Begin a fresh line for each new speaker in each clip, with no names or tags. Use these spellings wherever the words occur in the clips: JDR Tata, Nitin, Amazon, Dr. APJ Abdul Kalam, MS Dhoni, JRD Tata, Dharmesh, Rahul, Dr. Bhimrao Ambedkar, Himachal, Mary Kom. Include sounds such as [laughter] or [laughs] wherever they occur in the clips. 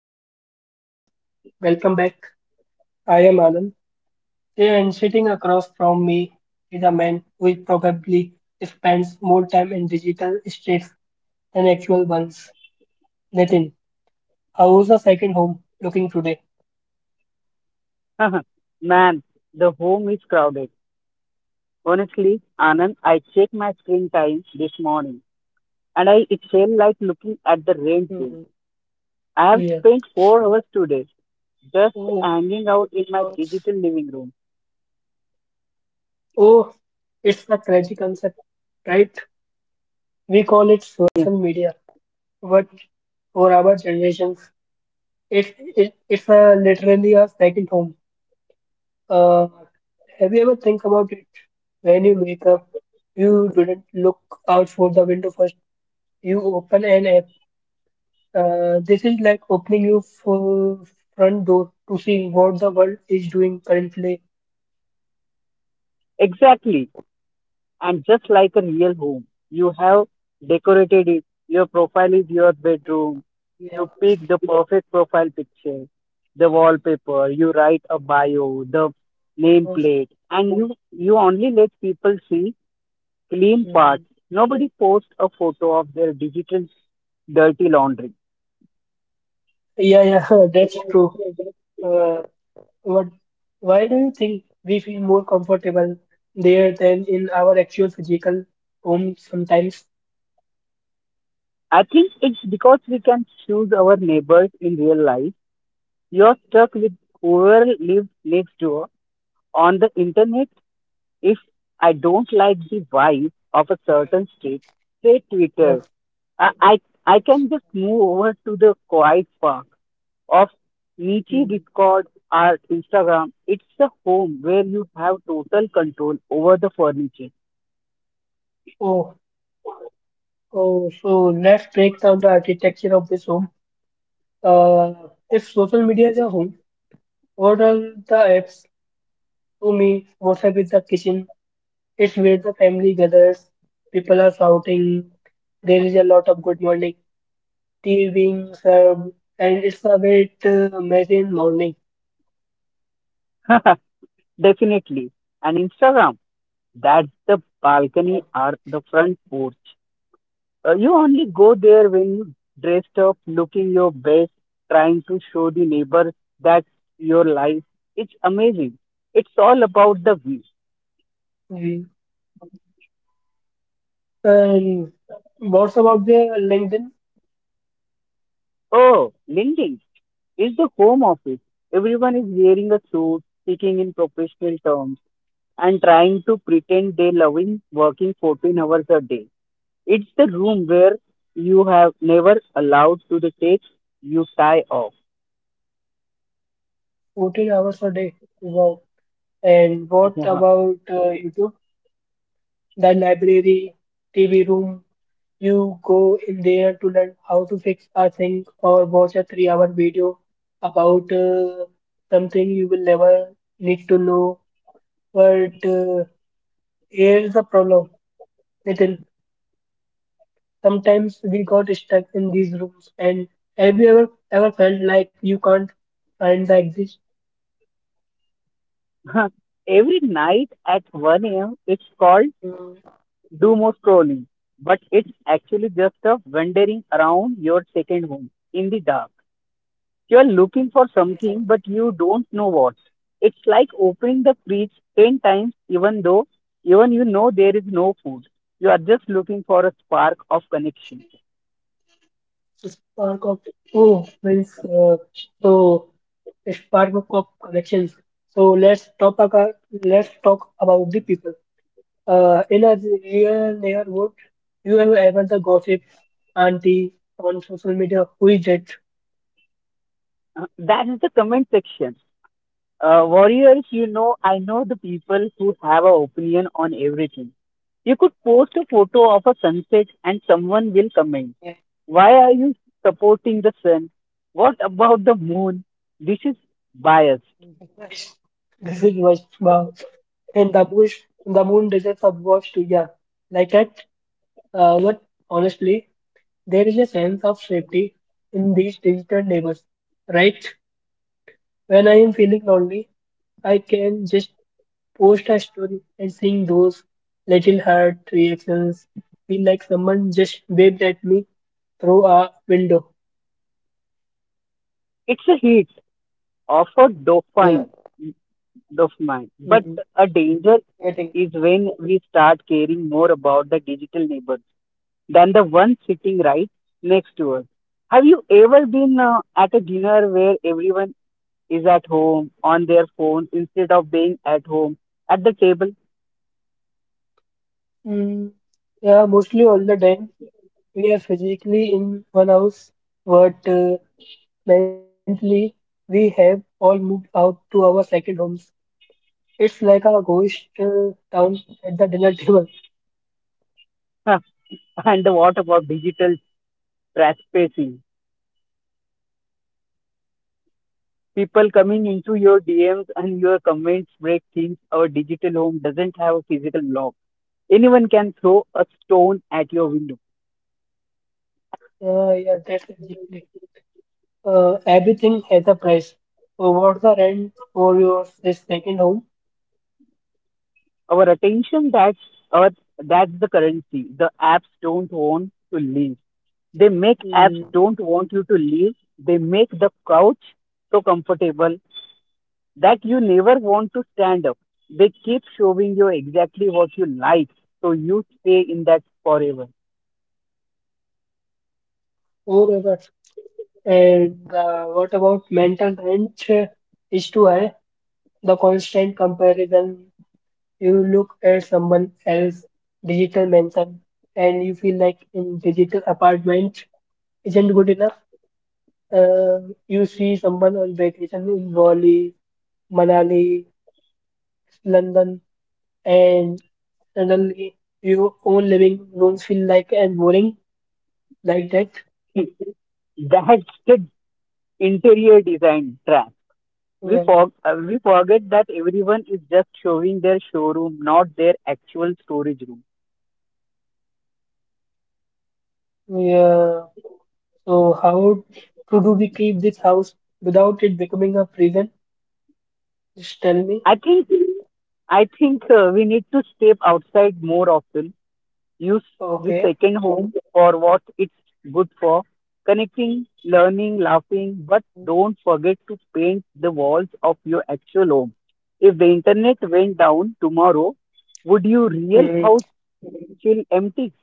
So, what's up, guys? Welcome back. I am Anand today, and sitting across from me is a man who probably spends more time in digital states than actual ones. Nitin, how is the second home looking today?
[laughs] Man, the home is crowded. Honestly, Anand, I checked my screen time this morning and I it felt like looking at the rain bill.
Mm,
I have
yeah.
spent 4 hours today just
Oh,
hanging out in my
uh,
digital living room.
oh, it's a crazy concept, right? We call it
Yes,
social media, but for our generations, it's a literally a second home. Uh, have you ever think about it? When you wake up, you didn't look out for the window first. You open an app. This is like opening your front door to see what the world is doing currently.
exactly. And just like a real home, you have decorated it. Your profile is your bedroom. You
Yeah,
pick the perfect profile picture, the wallpaper, you write a bio, the
almost,
nameplate, and you only let people see clean parts.
mm.
Nobody posts a photo of their digital dirty laundry.
Yeah, yeah, [laughs] that's true. Uh, what? Why do you think we feel more comfortable there than in our actual physical home sometimes?
I think it's because we can choose our neighbors in real life. You're stuck with whoever lives next door on the internet. If I don't like the vibe of a certain state, say
Yeah.
Twitter, I, I, I can just move over to the quiet park of Nietzsche
Mm.
Discord or Instagram. It's the home where you have total control over the furniture.
Oh, oh, so let's break down the architecture of this home. Uh, if social media is a home, what are the apps? To me, WhatsApp is the kitchen. It's where the family gathers. People are shouting. There is a lot of good morning tea being served, and it's a bit messy in morning.
[laughs] Definitely. And Instagram, that's the
Yeah.
balcony or the front porch. You only go there when dressed up, looking your best, trying to show the neighbor that's your life. It's amazing. It's all about the view.
Mhm. And what's about the LinkedIn?
Oh, LinkedIn is the home office. Everyone is wearing a suit, speaking in professional terms, and trying to pretend they're loving working 14 hours a day. It's the room where you have never allowed to the take you tie off.
14 hours a day. Wow. And what
[laughs]
about YouTube? The library, TV room. You go in there to learn how to fix a thing or watch a 3-hour video about something you will never need to know. But here's the problem, Nitin. Sometimes we got stuck in these rooms. And have you ever felt like you can't find the exist,
[laughs] Huh. Every night at 1 a.m., it's called
um,
doom scrolling, but it's actually just a wandering around your second home in the dark. You're looking for something, but you don't know what. It's like opening the fridge 10 times, even though even you know there is no food. You are just looking for a spark of connection.
spark of. Oh, means, so, spark of connections? So let's talk about the people. In a real neighborhood, you have ever the gossip auntie on social media who is dead.
That is the comment section. Warriors, you know, I know the people who have an opinion on everything. You could post a photo of a sunset and someone will comment. Why are you supporting the sun? What about the moon? This is biased.
This is what, wow. In the bush, in the moon deserts of watch too, yeah. Like that, but honestly, there is a sense of safety in these digital neighbors, right? When I am feeling lonely, I can just post a story and seeing those little heart reactions feel like someone just waved at me through a window.
It's a hit of a
Yeah.
dopamine, dopamine. But
mm
a danger
Getting.
is when we start caring more about the digital neighbor than the one sitting right next to us. Have you ever been at a dinner where everyone is at home on their phone instead of being at home at the table?
Mm, yeah, mostly all the time we are physically in one house, but mentally we have all moved out to our second homes. It's like a ghost town at the dinner [laughs] table.
[laughs] And what about digital trespassing? People coming into your DMs and your comments break things. Our digital home doesn't have a physical lock. Anyone can throw a stone at your window.
Yeah, that's exactly. Everything has a price. So what's the rent for your this second home?
Our attention that's our that's the currency. They make apps
Mm,
don't want you to leave. They make the couch so comfortable that you never want to stand up. They keep showing you exactly what you like, so you stay in that forever.
forever. And what about mental rent? Is too high. The constant comparison. You look at someone else's digital mansion and you feel like in digital apartment isn't good enough. Uh, you see someone on vacation in Bali, Manali, London, and suddenly your own living rooms feel like and boring like that.
[laughs] That's the interior design trap. We,
Yeah,
for, uh, we forget that everyone is just showing their showroom, not their actual storage room.
yeah. So how to do we keep this house without it becoming a prison? Just tell me.
I think I think we need to step outside more often. Use the
Okay.
second home for what it's good for: connecting, learning, laughing, but don't forget to paint the walls of your actual home. If the internet went down tomorrow, would your real
Mm,
house feel empty?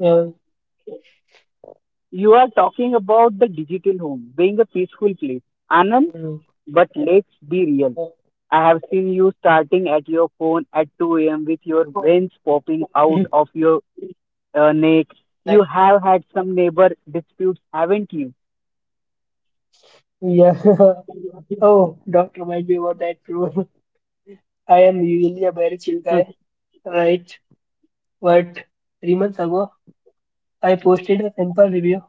yeah.
You are talking about the digital home being a peaceful place. Anand,
Mm.
but let's be real. I have seen you starting at your phone at 2 a.m. with your veins popping out
[laughs]
of your. Nick, you
Like,
have had some neighbor disputes, haven't you?
yeah. [laughs] Oh, don't remind me about that, bro. [laughs] I am usually a very chill guy,
[laughs]
right? But 3 months ago, I posted a simple review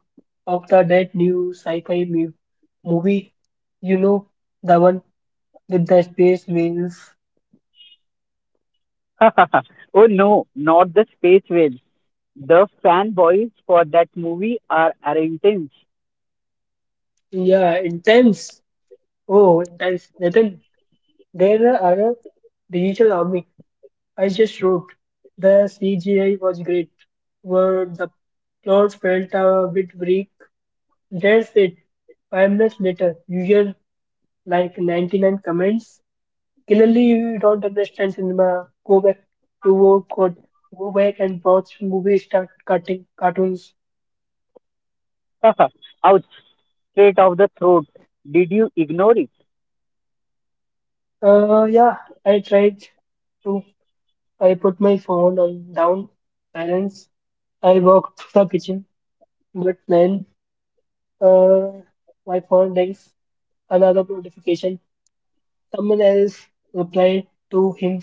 of the that new sci-fi movie. You know, the one with the space whales.
Oh no, not the space whales. The fanboys for that movie are intense.
Yeah, intense. Oh, intense. Nathan, there are a digital army. I just wrote, "The CGI was great, but the plot felt a bit weak." That's it. 5 minutes later, you hear like 99 comments. Clearly, you don't understand cinema. Go back to work, or go back and watch movies, start cutting cartoons.
[laughs] Ouch, straight off the throat. Did you ignore it?
Yeah, I tried to. I put my phone on down, silence. I walked to the kitchen, but then uh, my phone rings. Another notification. Someone else replied to him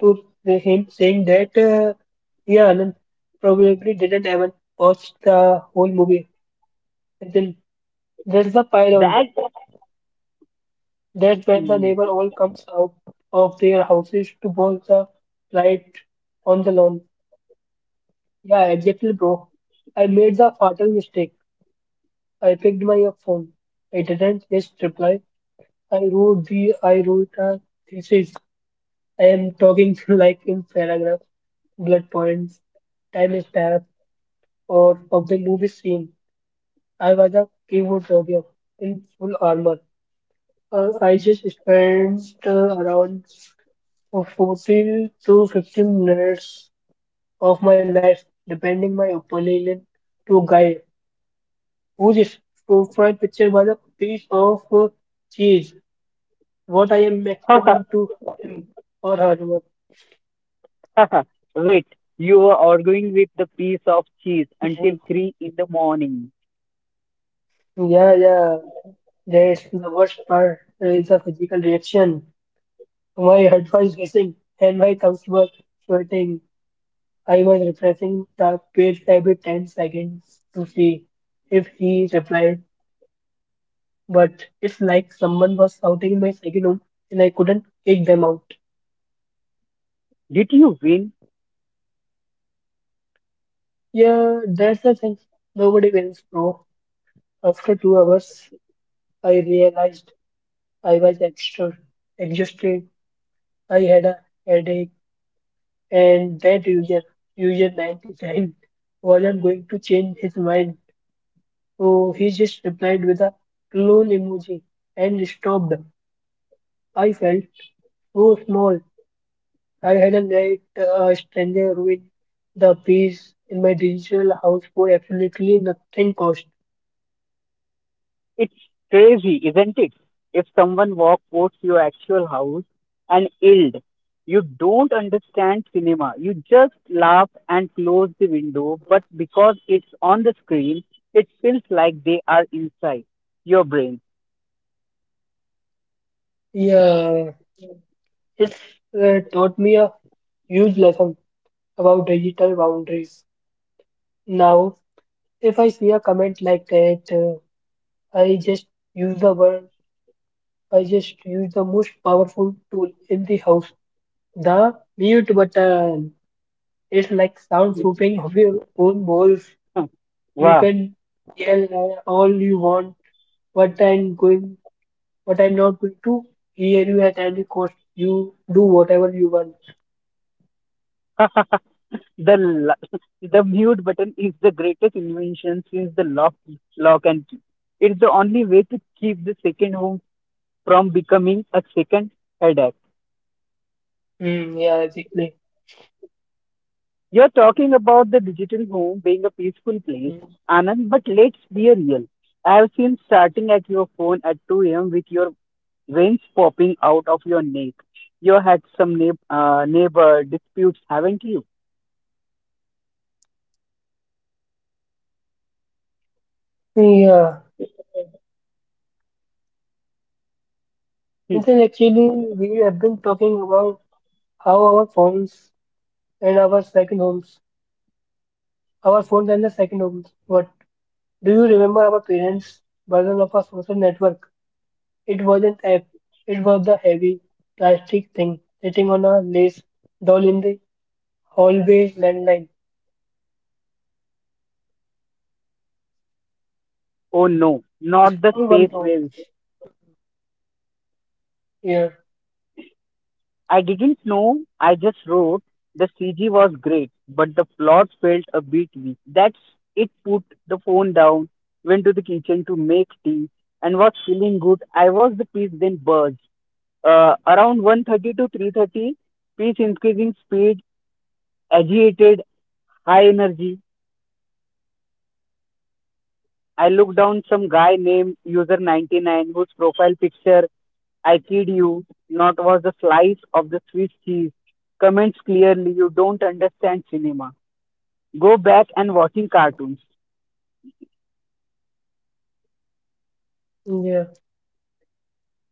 to him saying that yeah, Anand probably didn't even watch the whole movie. And then there's the pylon.
That.
That's when the neighbor
Hmm.
all comes out of their houses to bolt the light on the lawn. Yeah, exactly, bro. I made the fatal mistake. I picked my phone. I didn't just reply. I wrote a thesis. I am talking [laughs] like in paragraph, blood points, timestamp, or of the movie scene. I was a keyboard warrior in full armor. I just spent around 40 to 50 minutes of my life defending my opponent to a guy whose profile picture was a piece of cheese. What I am explaining to him or her [laughs] was,
[laughs] Wait, you were arguing with the piece of cheese until
mhm,
3 in the morning.
yeah, yeah. Yes, the worst part is the physical reaction. My [laughs] head was racing and my thumbs were sweating. I was refreshing the page every 10 seconds to see if he replied, but it's like someone was shouting in my second room and I couldn't kick them out.
Did you win?
Yeah, that's the thing. Nobody wins, bro. After 2 hours, I realized I was extra exhausted. I had a headache and that user, user 99, wasn't going to change his mind, so he just replied with a clone emoji and stopped. I felt so small. I hadn't let a stranger ruin the peace in my digital house for absolutely nothing cost.
It's crazy, isn't it? If someone walks towards your actual house and yelled, you don't understand cinema. You just laugh and close the window, but because it's on the screen, it feels like they are inside your brain.
Yeah, it's taught me a huge lesson about digital boundaries. Now, if I see a comment like that, I just use the word use the most powerful tool in the house, the mute button. It's like soundproofing of your own walls.
Huh.
You
Wow.
can yell all you want, but I'm going, but I'm not going to hear you at any cost. You do whatever you want.
[laughs] the
Mm,
[laughs] the mute button is the greatest invention since the lock and key. It's the only way to keep the second home from becoming a second headache.
mm, yeah, exactly.
You're talking about the digital home being a peaceful place,
Mm.
Anand, but let's be real. I have seen starting at your phone at 2 a.m. with your veins popping out of your neck. You had some neighbor disputes, haven't you?
Yeah,
Hmm.
and then actually we have been talking about how and our second homes, our phones and the second homes. What? Do you remember our parents' version of a social network? It wasn't app. It was the heavy plastic thing sitting on a lace doll in the hallway landline.
Oh no,
It's
not the
for one
space
pound.
whales.
Yeah,
I didn't know, I just wrote. The CG was great, but the plot felt a bit weak. That's it, put the phone down, went to the kitchen to make tea, and was feeling good. I was the piece then buzzed. Around 130 to 330, pace increasing, speed agitated, high energy. I looked down, some guy named user 99 whose profile picture, I kid you not, was a slice of the swiss cheese. Comments: clearly you don't understand cinema, go back and watching cartoons.
yeah.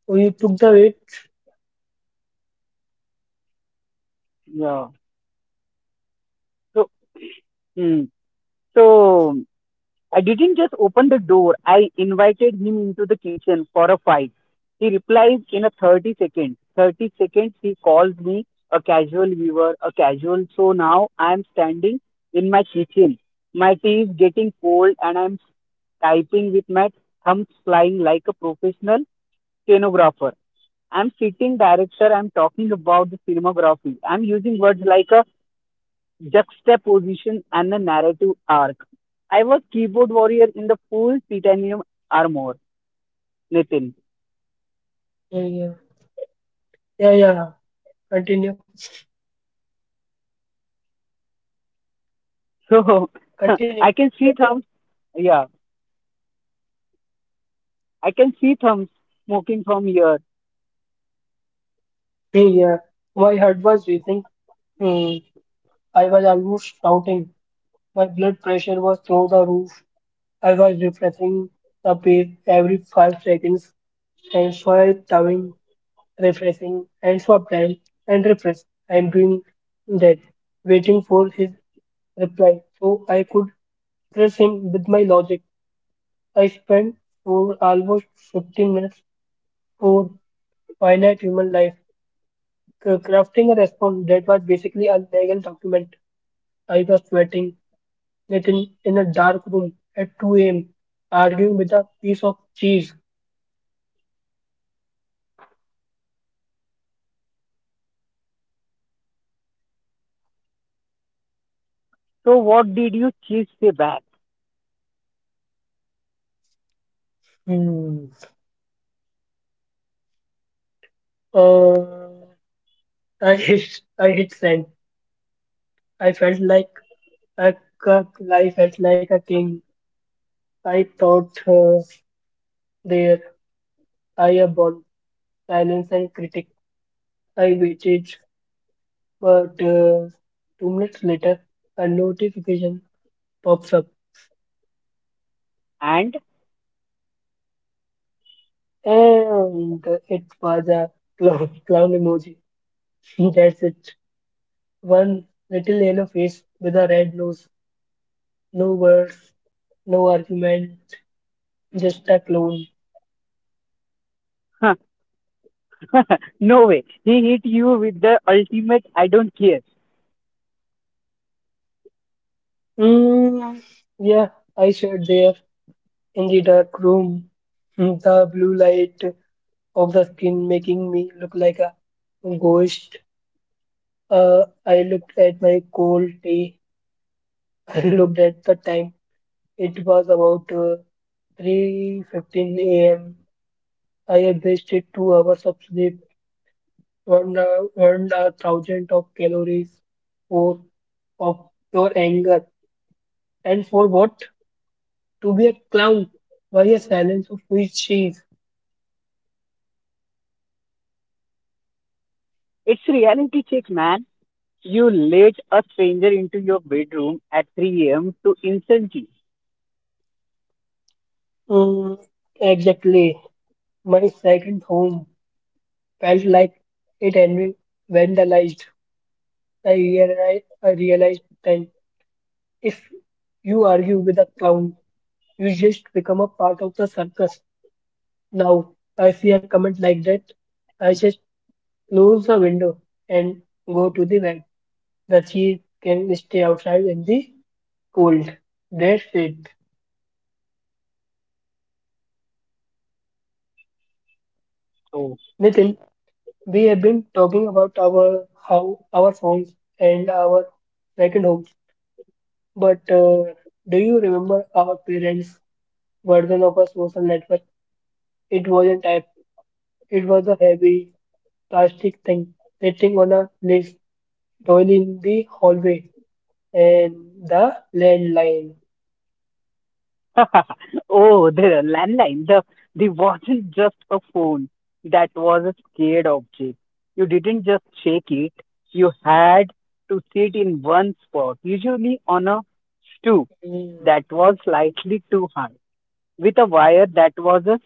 Oh, you took the weight?
Yeah. So hmm. so I didn't just open the door, I invited him into the kitchen for a fight. He replies in a 30 seconds. 30 seconds, he calls me a casual viewer, a casual. So now I'm standing in my kitchen. My tea is getting cold and I'm typing with my thumbs flying like a professional stenographer. I'm sitting director, I'm talking about the cinematography. I'm using words like a juxtaposition and a narrative arc. I was keyboard warrior in the full titanium armor, Nathan.
Yeah, yeah, yeah. Yeah. Continue,
So [laughs]
continue.
I can see thumbs. Yeah, I can see thumbs smoking from here.
Hey, yeah, my heart was racing. Hmm. I was almost shouting. My blood pressure was through the roof. I was refreshing the page every 5 seconds and swipe down refreshing, and swap time and refresh. I am doing that, waiting for his reply so I could press him with my logic. I spent for almost 15 minutes for finite human life, crafting a response that was basically a legal document. I was sweating, it in a dark room at 2 a.m., arguing with a piece of cheese.
So what did you cheese say back?
Hmm. Uh, I hit send. I felt like I got life. Felt like a king. I thought there I upon silence and critic. I waited, but 2 minutes later, a notification pops up,
And
and it was a clown, [laughs] clown emoji. [laughs] That's it. One little yellow face with a red nose. No words, no argument, just a clone.
[laughs] no way, he hit you with the ultimate. I don't care.
Mm, yeah, I shared there, in the dark room. Mm, the blue light of the skin making me look like a ghost. Uh, I looked at my cold tea. [laughs] I looked at the time. It was about 3:15 a.m. I had wasted 2 hours of sleep, burned a, burned a thousand of calories for of pure anger, and for what? To be a clown? Why a silence of which cheese?
It's reality check, man. You let a stranger into your bedroom at 3 a.m. to insult you.
Mm, exactly, my second home felt like it had been vandalized. I realized that if you argue with a clown, you just become a part of the circus. Now, I see a comment like that, I just close the window and go to the bed. The cheese can stay outside in the cold. That's it.
Oh,
Nitin, we have been talking about our how our phones and our second homes, but do you remember our parents version of a social network. It wasn't app. It was a heavy plastic thing sitting on a list doily in the hallway and the landline.
[laughs] Oh, the landline. The wasn't just a phone. That was a scared object. You didn't just shake it. You had to sit in one spot, usually on a stool
Mm,
that was slightly too high, with a wire that was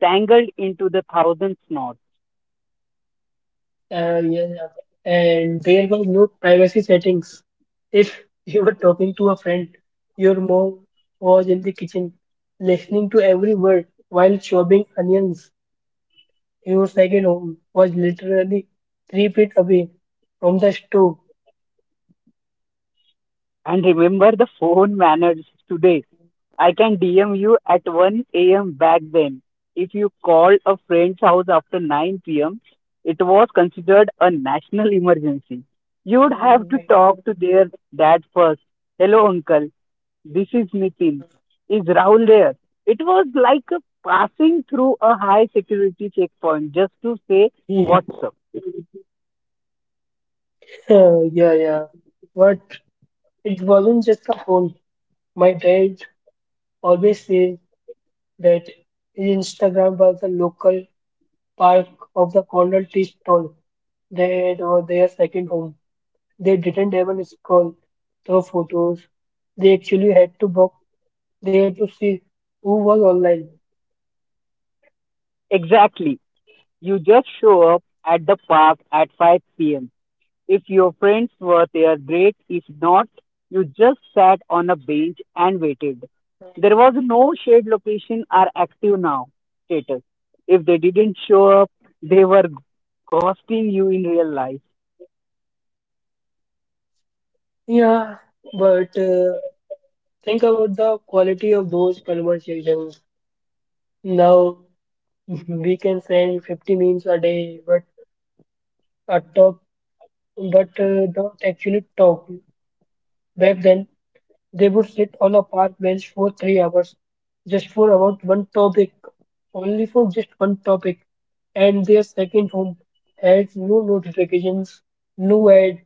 tangled into the thousand knots.
yeah. Yeah. And there were no privacy settings. If you were talking to a friend, your mom was in the kitchen listening to every word while chopping onions. Your second home was literally 3 feet away from the stove.
And remember the phone manners today. I can DM you at 1 a.m. back then. If you called a friend's house after 9 p.m., it was considered a national emergency. You would have to talk to their dad first. Hello, uncle. This is Nitin. Is Rahul there? It was like a passing through a high security checkpoint just to say
[laughs]
what's up.
Yeah, yeah. But it wasn't just a phone. My dad always says that Instagram was the local park of the corner tea stall. They were their second home. They didn't even scroll through photos. They actually had to see who was online.
Exactly. You just show up at the park at 5 p.m. If your friends were there, great. If not, you just sat on a bench and waited. There was no shared location or active now status. If they didn't show up, they were ghosting you in real life.
Yeah, but think about the quality of those conversations. Now [laughs] we can send 50 memes a day, but a top but don't actually talk. Back then, they would sit on a park bench for 3 hours just for about one topic, only for just one topic. And their second home had no notifications, no ad,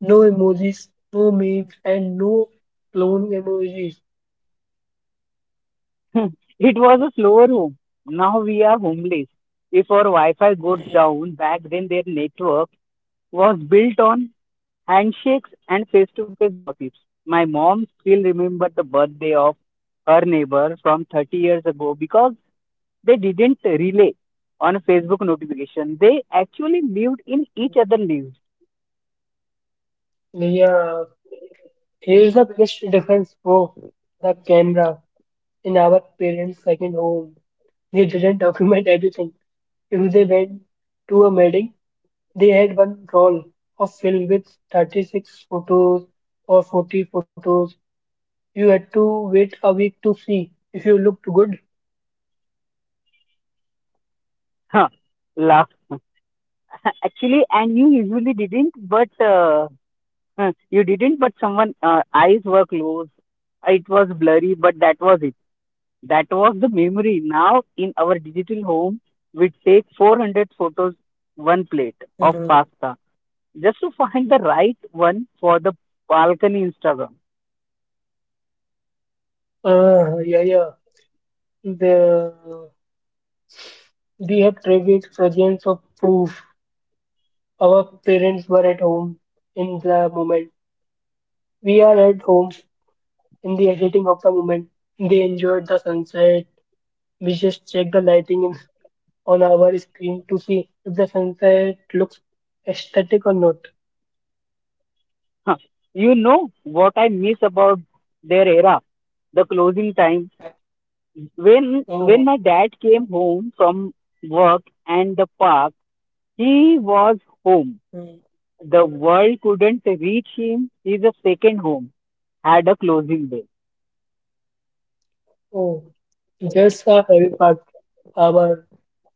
no emojis, no memes, and no clone emojis.
[laughs] It was a slower home. Now we are homeless. If our Wi Fi goes down, back then their network was built on handshakes and face-to-face gossips. My mom still remembered the birthday of her neighbor from 30 years ago because they didn't relay on a Facebook notification. They actually lived in each other's lives.
Yeah, here's the biggest difference for the camera in our parents' second home. They didn't [laughs] document everything. If they went to a wedding, they had one roll of film with 36 photos or 40 photos. You had to wait a week to see if you looked good.
Huh. Laugh. [laughs] Actually, and you usually didn't, but [laughs] huh, you didn't, but someone eyes were closed. It was blurry, but that was it. That was the memory. Now in our digital home, we take 400 photos, one plate of
Mm.
pasta, just to find the right one for the balcony Instagram.
Yeah, yeah. The, we have traded presence of proof. Our parents were at home in the moment. We are at home in the editing of the moment. They enjoyed the sunset. We just checked the lighting on our screen to see if the sunset looks aesthetic or not.
Huh. You know what I miss about their era, the closing time. When
Oh.
my dad came home from work and the park, he was home. The world couldn't reach him. He's a second home. Had a closing day.
Oh, just our heavy part, our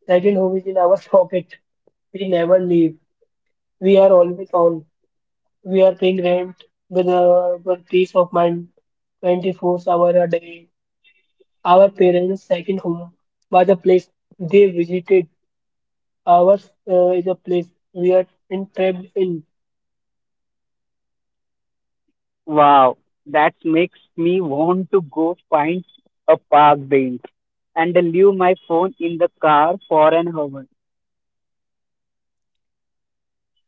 second home is in our [laughs] pocket. We never leave. We are always on. We are paying rent with peace of mind, 24 hours a day. Our parents' second home was a place they visited. Ours is a place we are entrapped in.
Wow, that makes me want to go find a park bench and leave my phone in the car for an hour.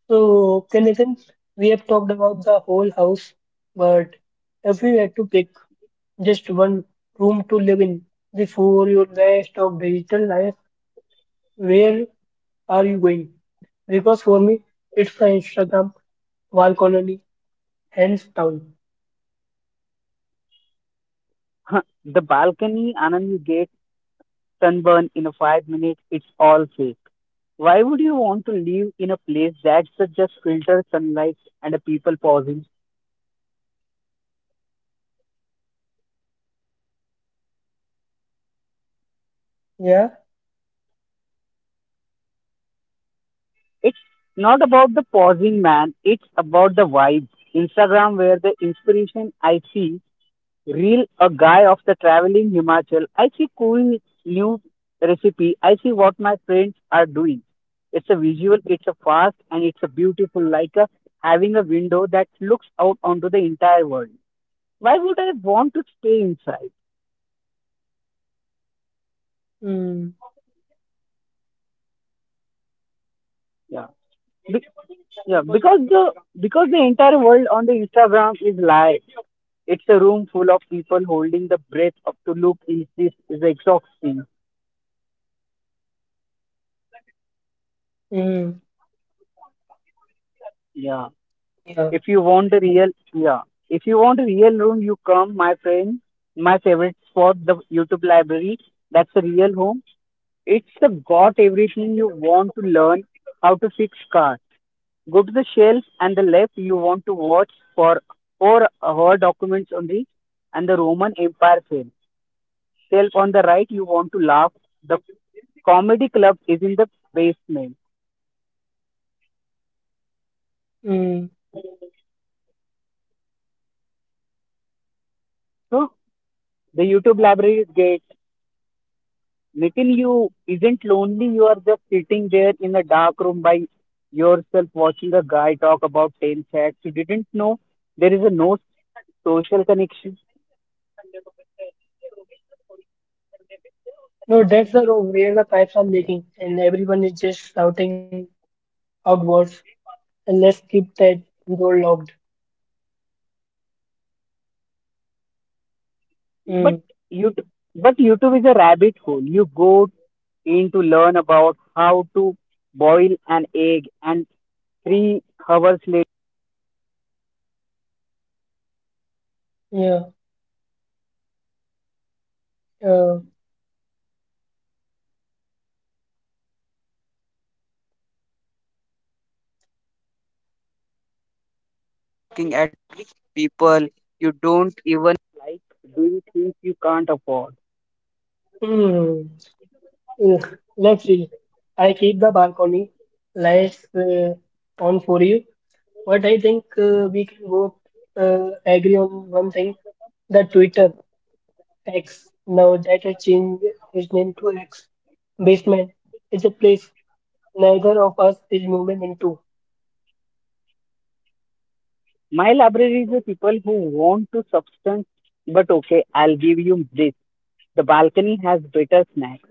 So, okay, Nathan, we have talked about the whole house, but if we had to pick just one room to live in. Before your waste of digital life, where are you going? Because for me, it's the Instagram wall colony, hands down.
[laughs] The balcony, Anand, you get sunburn in 5 minutes. It's all fake. Why would you want to live in a place that's just filtered sunlight and people pausing?
Yeah.
It's not about the pausing, man. It's about the vibe. Instagram, where the inspiration. I see Reel a guy of the traveling Himachal. I see cool new recipe. I see what my friends are doing. It's a visual, it's a fast, and it's a beautiful, like a, having a window that looks out onto the entire world. Why would I want to stay inside?
Mm,
Yeah. Be- yeah, because the because the entire world on the Instagram is live. It's a room full of people holding the breath up to look is this is exhausting.
mm,
Yeah.
yeah.
If you want a real, yeah. If you want a real room, you come, my friend. My favorite spot, the YouTube library. That's a real home. It's the got everything you want to learn how to fix cars. Go to the shelf and the left you want to watch for her documents only and the Roman Empire film. Shelf on the right you want to laugh. The comedy club is in the basement.
Mm.
So the YouTube library is great. Nitin, you isn't lonely. You are just sitting there in a dark room by yourself, watching a guy talk about tail facts. You didn't know there is a no social connection.
No, that's the room where the pipes are leaking and everyone is just shouting outwards. And let's keep that door locked.
But
Mm,
you, but YouTube is a rabbit hole. You go in to learn about how to boil an egg, and 3 hours.
yeah. Uh, mm. Mm, Let's see. I keep the balcony lights on for you, but I think we can go agree on one thing that Twitter X, now that it changed its name to X, basement is a place neither of us is moving into.
My library is the people who want to substance, but okay, I'll give you this. The balcony has better snacks.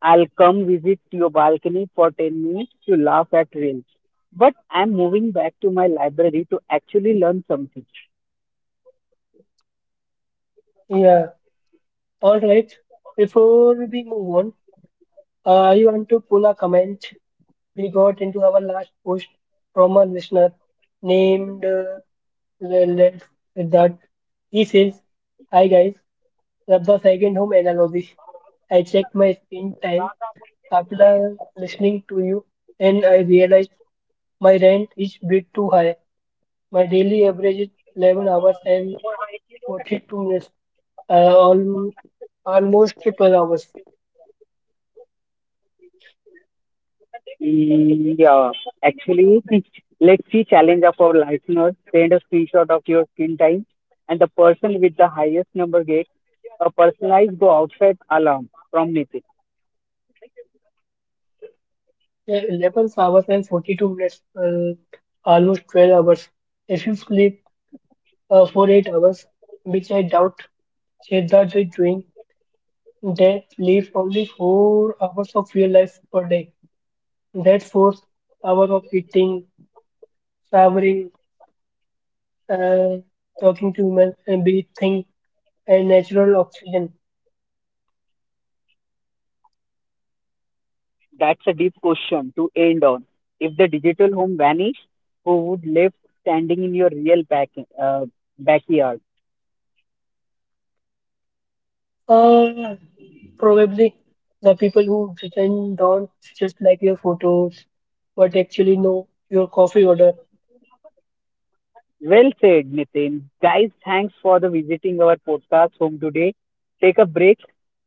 I'll come visit your balcony for 10 minutes to laugh at reels. But I'm moving back to my library to actually learn something.
Yeah, all right. Before we move on, I want to pull a comment we got into our last post from a listener named let, let that he says, "Hi guys, Rabba second home analogy. I checked my screen time after listening to you and I realized my rent is bit too high. My daily average is 11 hours and 42 minutes, uh, al- almost 12 hours."
Mm, yeah, actually, [laughs] let's see, challenge of our listeners. Send a screenshot of your screen time, and the person with the highest number gets a personalized go outside alarm from Nitin.
Yeah, 11 hours and 42 minutes, almost 12 hours. If you sleep for 8 hours, which I doubt Shedda is doing, they live only 4 hours of real life per day. That's 4 hours of eating, showering, uh, talking to human, and breathing and natural oxygen.
That's a deep question to end on. If the digital home vanished, who would left standing in your real back, uh, backyard?
Uh, probably the people who pretend don't just like your photos, but actually know your coffee order.
Well said, Nitin. Guys, thanks for the visiting our podcast home today. Take a break,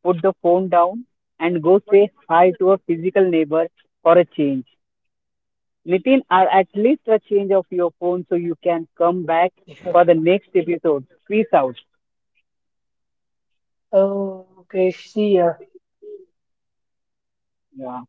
put the phone down, and go say hi to a physical neighbor for a change. Nitin, or at least a change of your phone so you can come back for the
[laughs]
next episode. Peace out.
Okay, see ya.
Yeah.